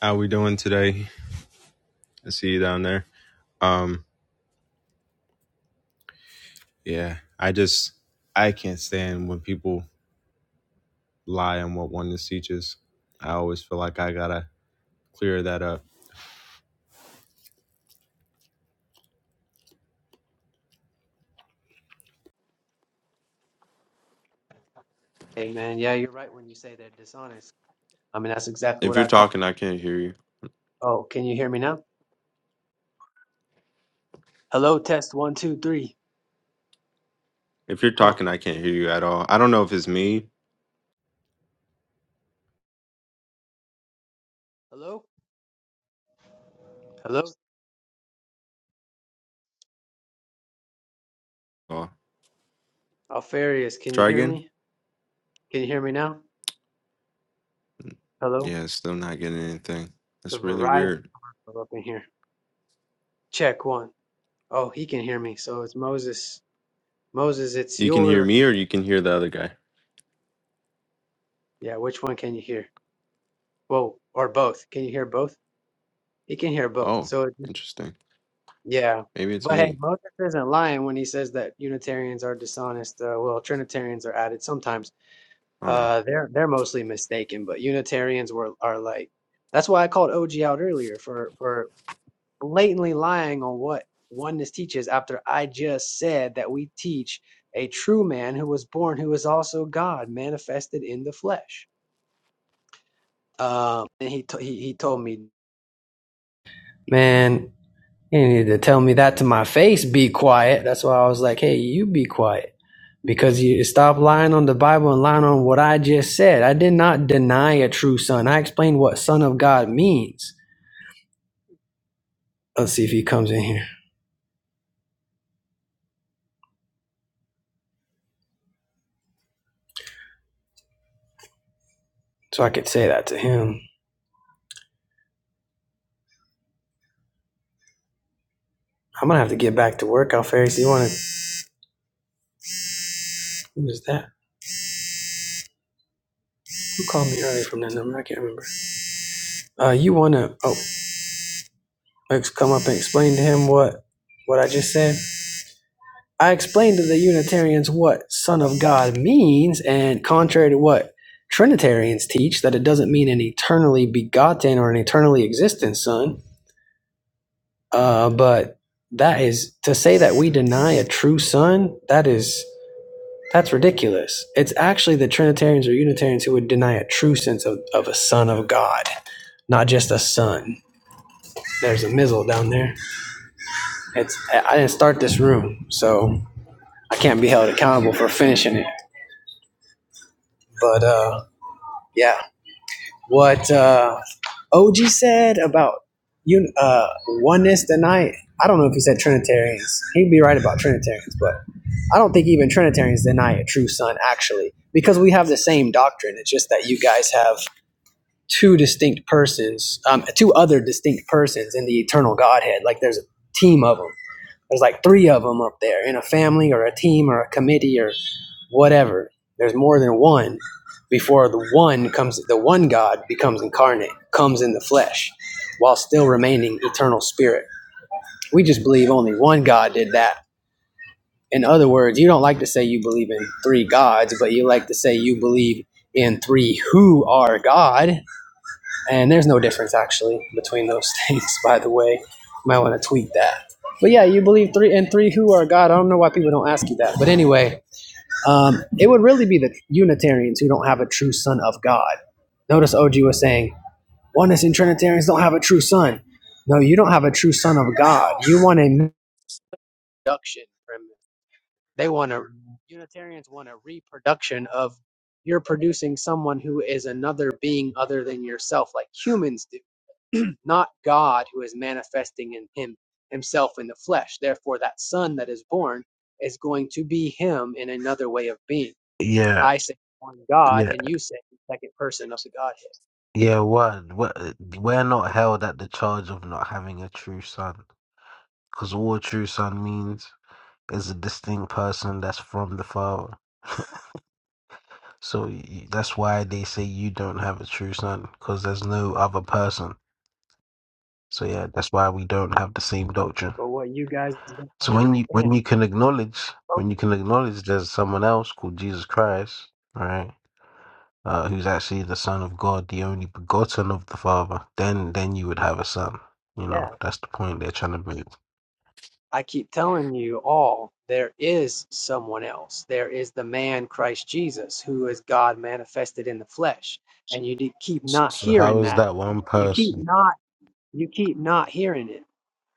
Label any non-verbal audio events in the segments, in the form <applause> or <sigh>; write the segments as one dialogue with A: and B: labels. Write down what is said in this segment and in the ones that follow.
A: How we doing today? I see you down there. Um, yeah, I just I can't stand when people lie on what oneness teaches. I always feel like I gotta clear that up.
B: Amen. Yeah, you're right when you say they're dishonest. I mean, that's exactly what
A: If you're
B: I call.
A: talking, I can't hear you.
B: Oh, can you hear me now? Hello, test one, two, three.
A: If you're
B: Huh?
A: talking, I can't hear you at all. I don't know if it's me.
B: Hello? Hello?
A: Oh,
B: Alfarius, can you
A: try
B: hear
A: again.
B: me? Can you hear me now? Hello?
A: Yeah, still not getting anything.
B: The
A: That's really
B: Verizon
A: weird.
B: are up in here. Check one. Oh, he can hear me. So it's Moses. Moses, it's
A: You can hear
B: your.
A: me, or you can hear the other guy.
B: Yeah, which one can you hear? Whoa, or both. Can you hear both? He can hear both.
A: Oh,
B: So, it,
A: interesting.
B: yeah.
A: Maybe it's
B: But hey,
A: me.
B: Moses isn't lying when he says that Unitarians are dishonest. Uh, well, Trinitarians are added sometimes.
A: I don't know.
B: Uh, they're they're mostly mistaken, but Unitarians were are like that's why I called OG out earlier for for blatantly lying on what oneness teaches after I just said that we teach a true man who was born who is also God manifested in the flesh. Um, and he to- he he told me, man, He needed to tell me that to my face, be quiet. That's why I was like, hey, you be quiet. Because you stop lying on the Bible and lying on what I just said. I did not deny a true son. I explained what son of God means. Let's see if he comes in here. So I could say that to him. I'm gonna have to get back to work, Alfaris. You wanna who was that? Who called me earlier from that number? I can't remember. Uh you wanna oh come up and explain to him what what I just said? I explained to the Unitarians what Son of God means, and contrary to what Trinitarians teach, that it doesn't mean an eternally begotten or an eternally existent Son. Uh, but that is to say that we deny a true Son. That is that's ridiculous. It's actually the Trinitarians or Unitarians who would deny a true sense of, of a Son of God, not just a Son. There's a mizzle down there. It's I didn't start this room, so I can't be held accountable for finishing it. But uh, yeah what uh og said about you uh oneness deny i don't know if he said trinitarians he'd be right about trinitarians but i don't think even trinitarians deny a true son actually because we have the same doctrine it's just that you guys have two distinct persons um two other distinct persons in the eternal godhead like there's a team of them there's like three of them up there in a family or a team or a committee or whatever. There's more than one before the one comes, the one God becomes incarnate, comes in the flesh while still remaining eternal spirit. We just believe only one God did that. In other words, you don't like to say you believe in three gods, but you like to say you believe in three who are God. And there's no difference actually between those <laughs> things, by the way. You Might want to tweet that. But yeah, you believe three and three who are God. I don't know why people don't ask you that. But anyway, um, it would really be the Unitarians who don't have a true son of God. Notice OG was saying, oneness and Trinitarians don't have a true son. No, you don't have a true son of God. You want a reproduction. from- They want a Unitarians want a reproduction of you're producing someone who is another being other than yourself, like humans do not God who is manifesting in him himself in the flesh. Therefore, that son that is born is going to be him in another way of being.
C: Yeah,
B: I say one God,
C: yeah,
B: and you say the second person of the Godhead.
C: yeah. One, we're, we're not held at the charge of not having a true son, because all a true son means is a distinct person that's from the father. So y that's why they say you don't have a true son, because there's no other person. So yeah, that's why we don't have the same doctrine.
B: But what you guys don't
C: So when you when
B: understand,
C: you can acknowledge
B: oh,
C: when you can acknowledge there's someone else called Jesus Christ, right? uh, who's actually the Son of God, the only begotten of the Father, then then you would have a son. You know,
B: yeah,
C: that's the point they're trying to make.
B: I keep telling you all there is someone else. There is the man Christ Jesus who is God manifested in the flesh, and you keep not
C: So how
B: hearing
C: is
B: that.
C: that one
B: You keep
C: person?
B: not you keep not hearing it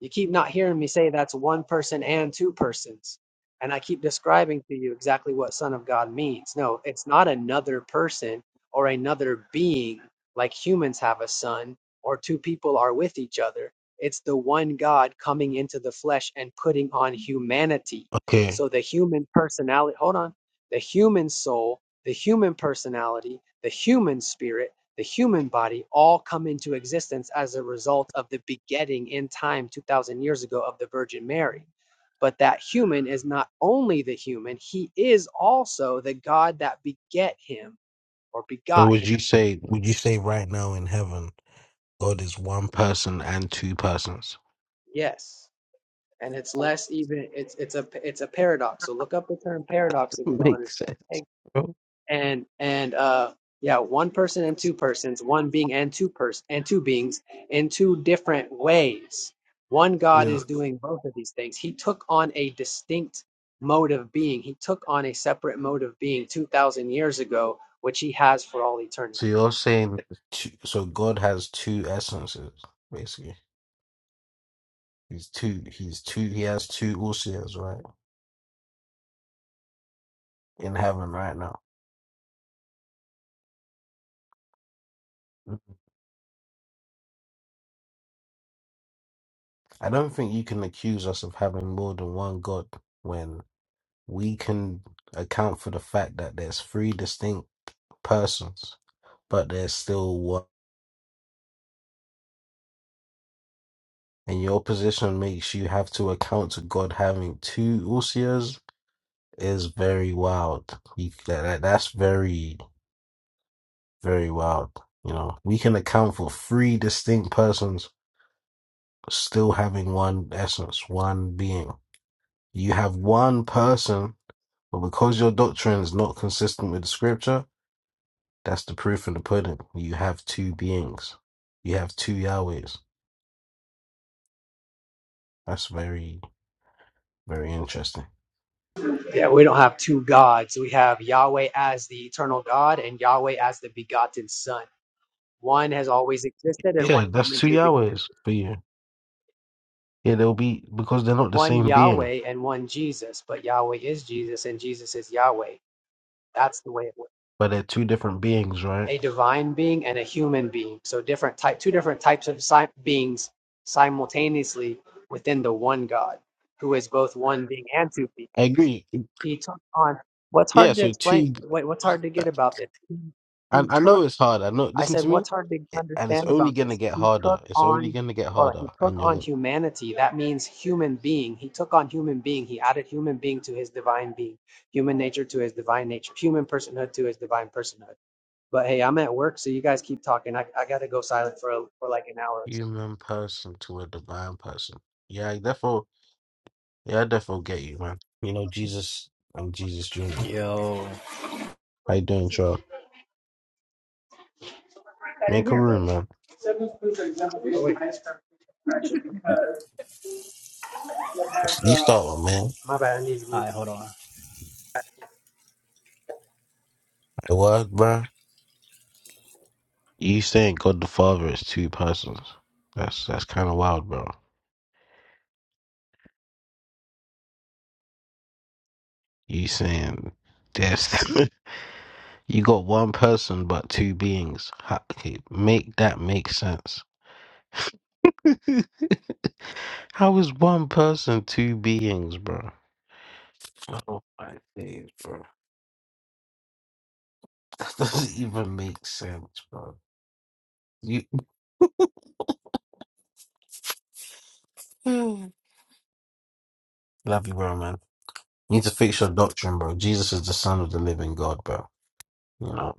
B: You keep not hearing me say that's one person and two persons. And I keep describing to you exactly what Son of God means. No, it's not another person or another being like humans have a son or two people are with each other. It's the one God coming into the flesh and putting on humanity.
C: Okay,
B: So the human personality, hold on, the human soul, the human personality, the human spirit the human body all come into existence as a result of the begetting in time 2000 years ago of the virgin mary but that human is not only the human he is also the god that beget him or
C: so
B: begot
C: would
B: him
C: you say would you say right now in heaven God is one person and two persons?
B: yes and it's less even it's it's a it's a paradox so look up the term paradox
C: <laughs>
B: if you don't
C: Makes
B: understand
C: sense.
B: Hey,
C: bro.
B: and and uh yeah one person and two persons one being and two person and two beings in two different ways one god
C: Yeah.
B: is doing both of these things he took on a distinct mode of being he took on a separate mode of being 2000 years ago which he has for all eternity
C: So you're saying that two, so God has two essences basically. He's two. He's two. He has two usias right in heaven right now. I don't think you can accuse us of having more than one God when we can account for the fact that there's three distinct persons, but there's still one. And your position makes you have to account to God having two Usias is very wild. You, that, that- that's very, very wild. You know, we can account for three distinct persons still having one essence, one being. You have one person But because your doctrine is not consistent with the scripture, that's the proof in the pudding. You have two beings. You have two Yahwehs. That's very, very interesting.
B: yeah we don't have two gods we have yahweh as the eternal god and yahweh as the begotten son one has always existed and one
C: Yeah,
B: came
C: that's two
B: into being
C: Yahwehs for you. Yeah, they'll be because they're not the
B: one
C: same being,
B: Yahweh and one Jesus, but Yahweh is Jesus and Jesus is Yahweh. That's the way it works.
C: but they're two different beings, right?
B: A divine being and a human being. So different type, two different types of si- beings simultaneously within the one God, who is both one being and two beings.
C: I agree.
B: He took on what's
C: Yeah,
B: hard to
C: so
B: explain.
C: two
B: Wait, what's hard to get about this?
C: I,
B: He
C: I
B: took
C: know it's hard. I know.
B: I
C: Listen
B: said,
C: to me,
B: what's hard to
C: and it's
B: understand
C: only
B: about
C: gonna
B: this?
C: get
B: He took
C: harder. It's only
B: on,
C: gonna get
B: or
C: harder,
B: he took
C: and you're
B: on
C: gonna
B: humanity. That means human being. He took on human being. He added human being to his divine being, human nature to his divine nature, human personhood to his divine personhood. But hey, I'm at work, so you guys keep talking. I, I got to go silent for, a, for like an hour or so.
C: human person to a divine person. Yeah, therefore Yeah, I definitely get you, man. You know, Jesus and Jesus Jr.
D: Yo.
C: How you doing, Charles? Make a room, man. You start one, man.
B: My bad. I need to move.
D: Alright, hold on.
C: What, bro? You saying God the Father is two persons? That's that's kind of wild, bro. You saying there's <laughs> you got one person but two beings? How, okay, make that make sense. <laughs> How is one person two beings, bro? Oh my days, bro. <laughs> That doesn't even make sense, bro. You <sighs> Love you, bro, man. You need to fix your doctrine, bro. Jesus is the son of the living God, bro. You know.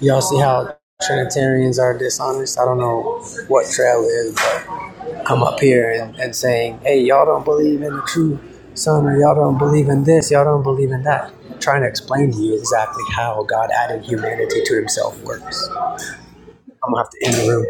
B: Y'all see how Trinitarians are dishonest? I don't know what trail is, but come up here and, and saying, hey, y'all don't believe in the true son, or y'all don't believe in this, y'all don't believe in that. I'm Trying to explain to you exactly how God added humanity to himself works. I'm gonna have to end the room.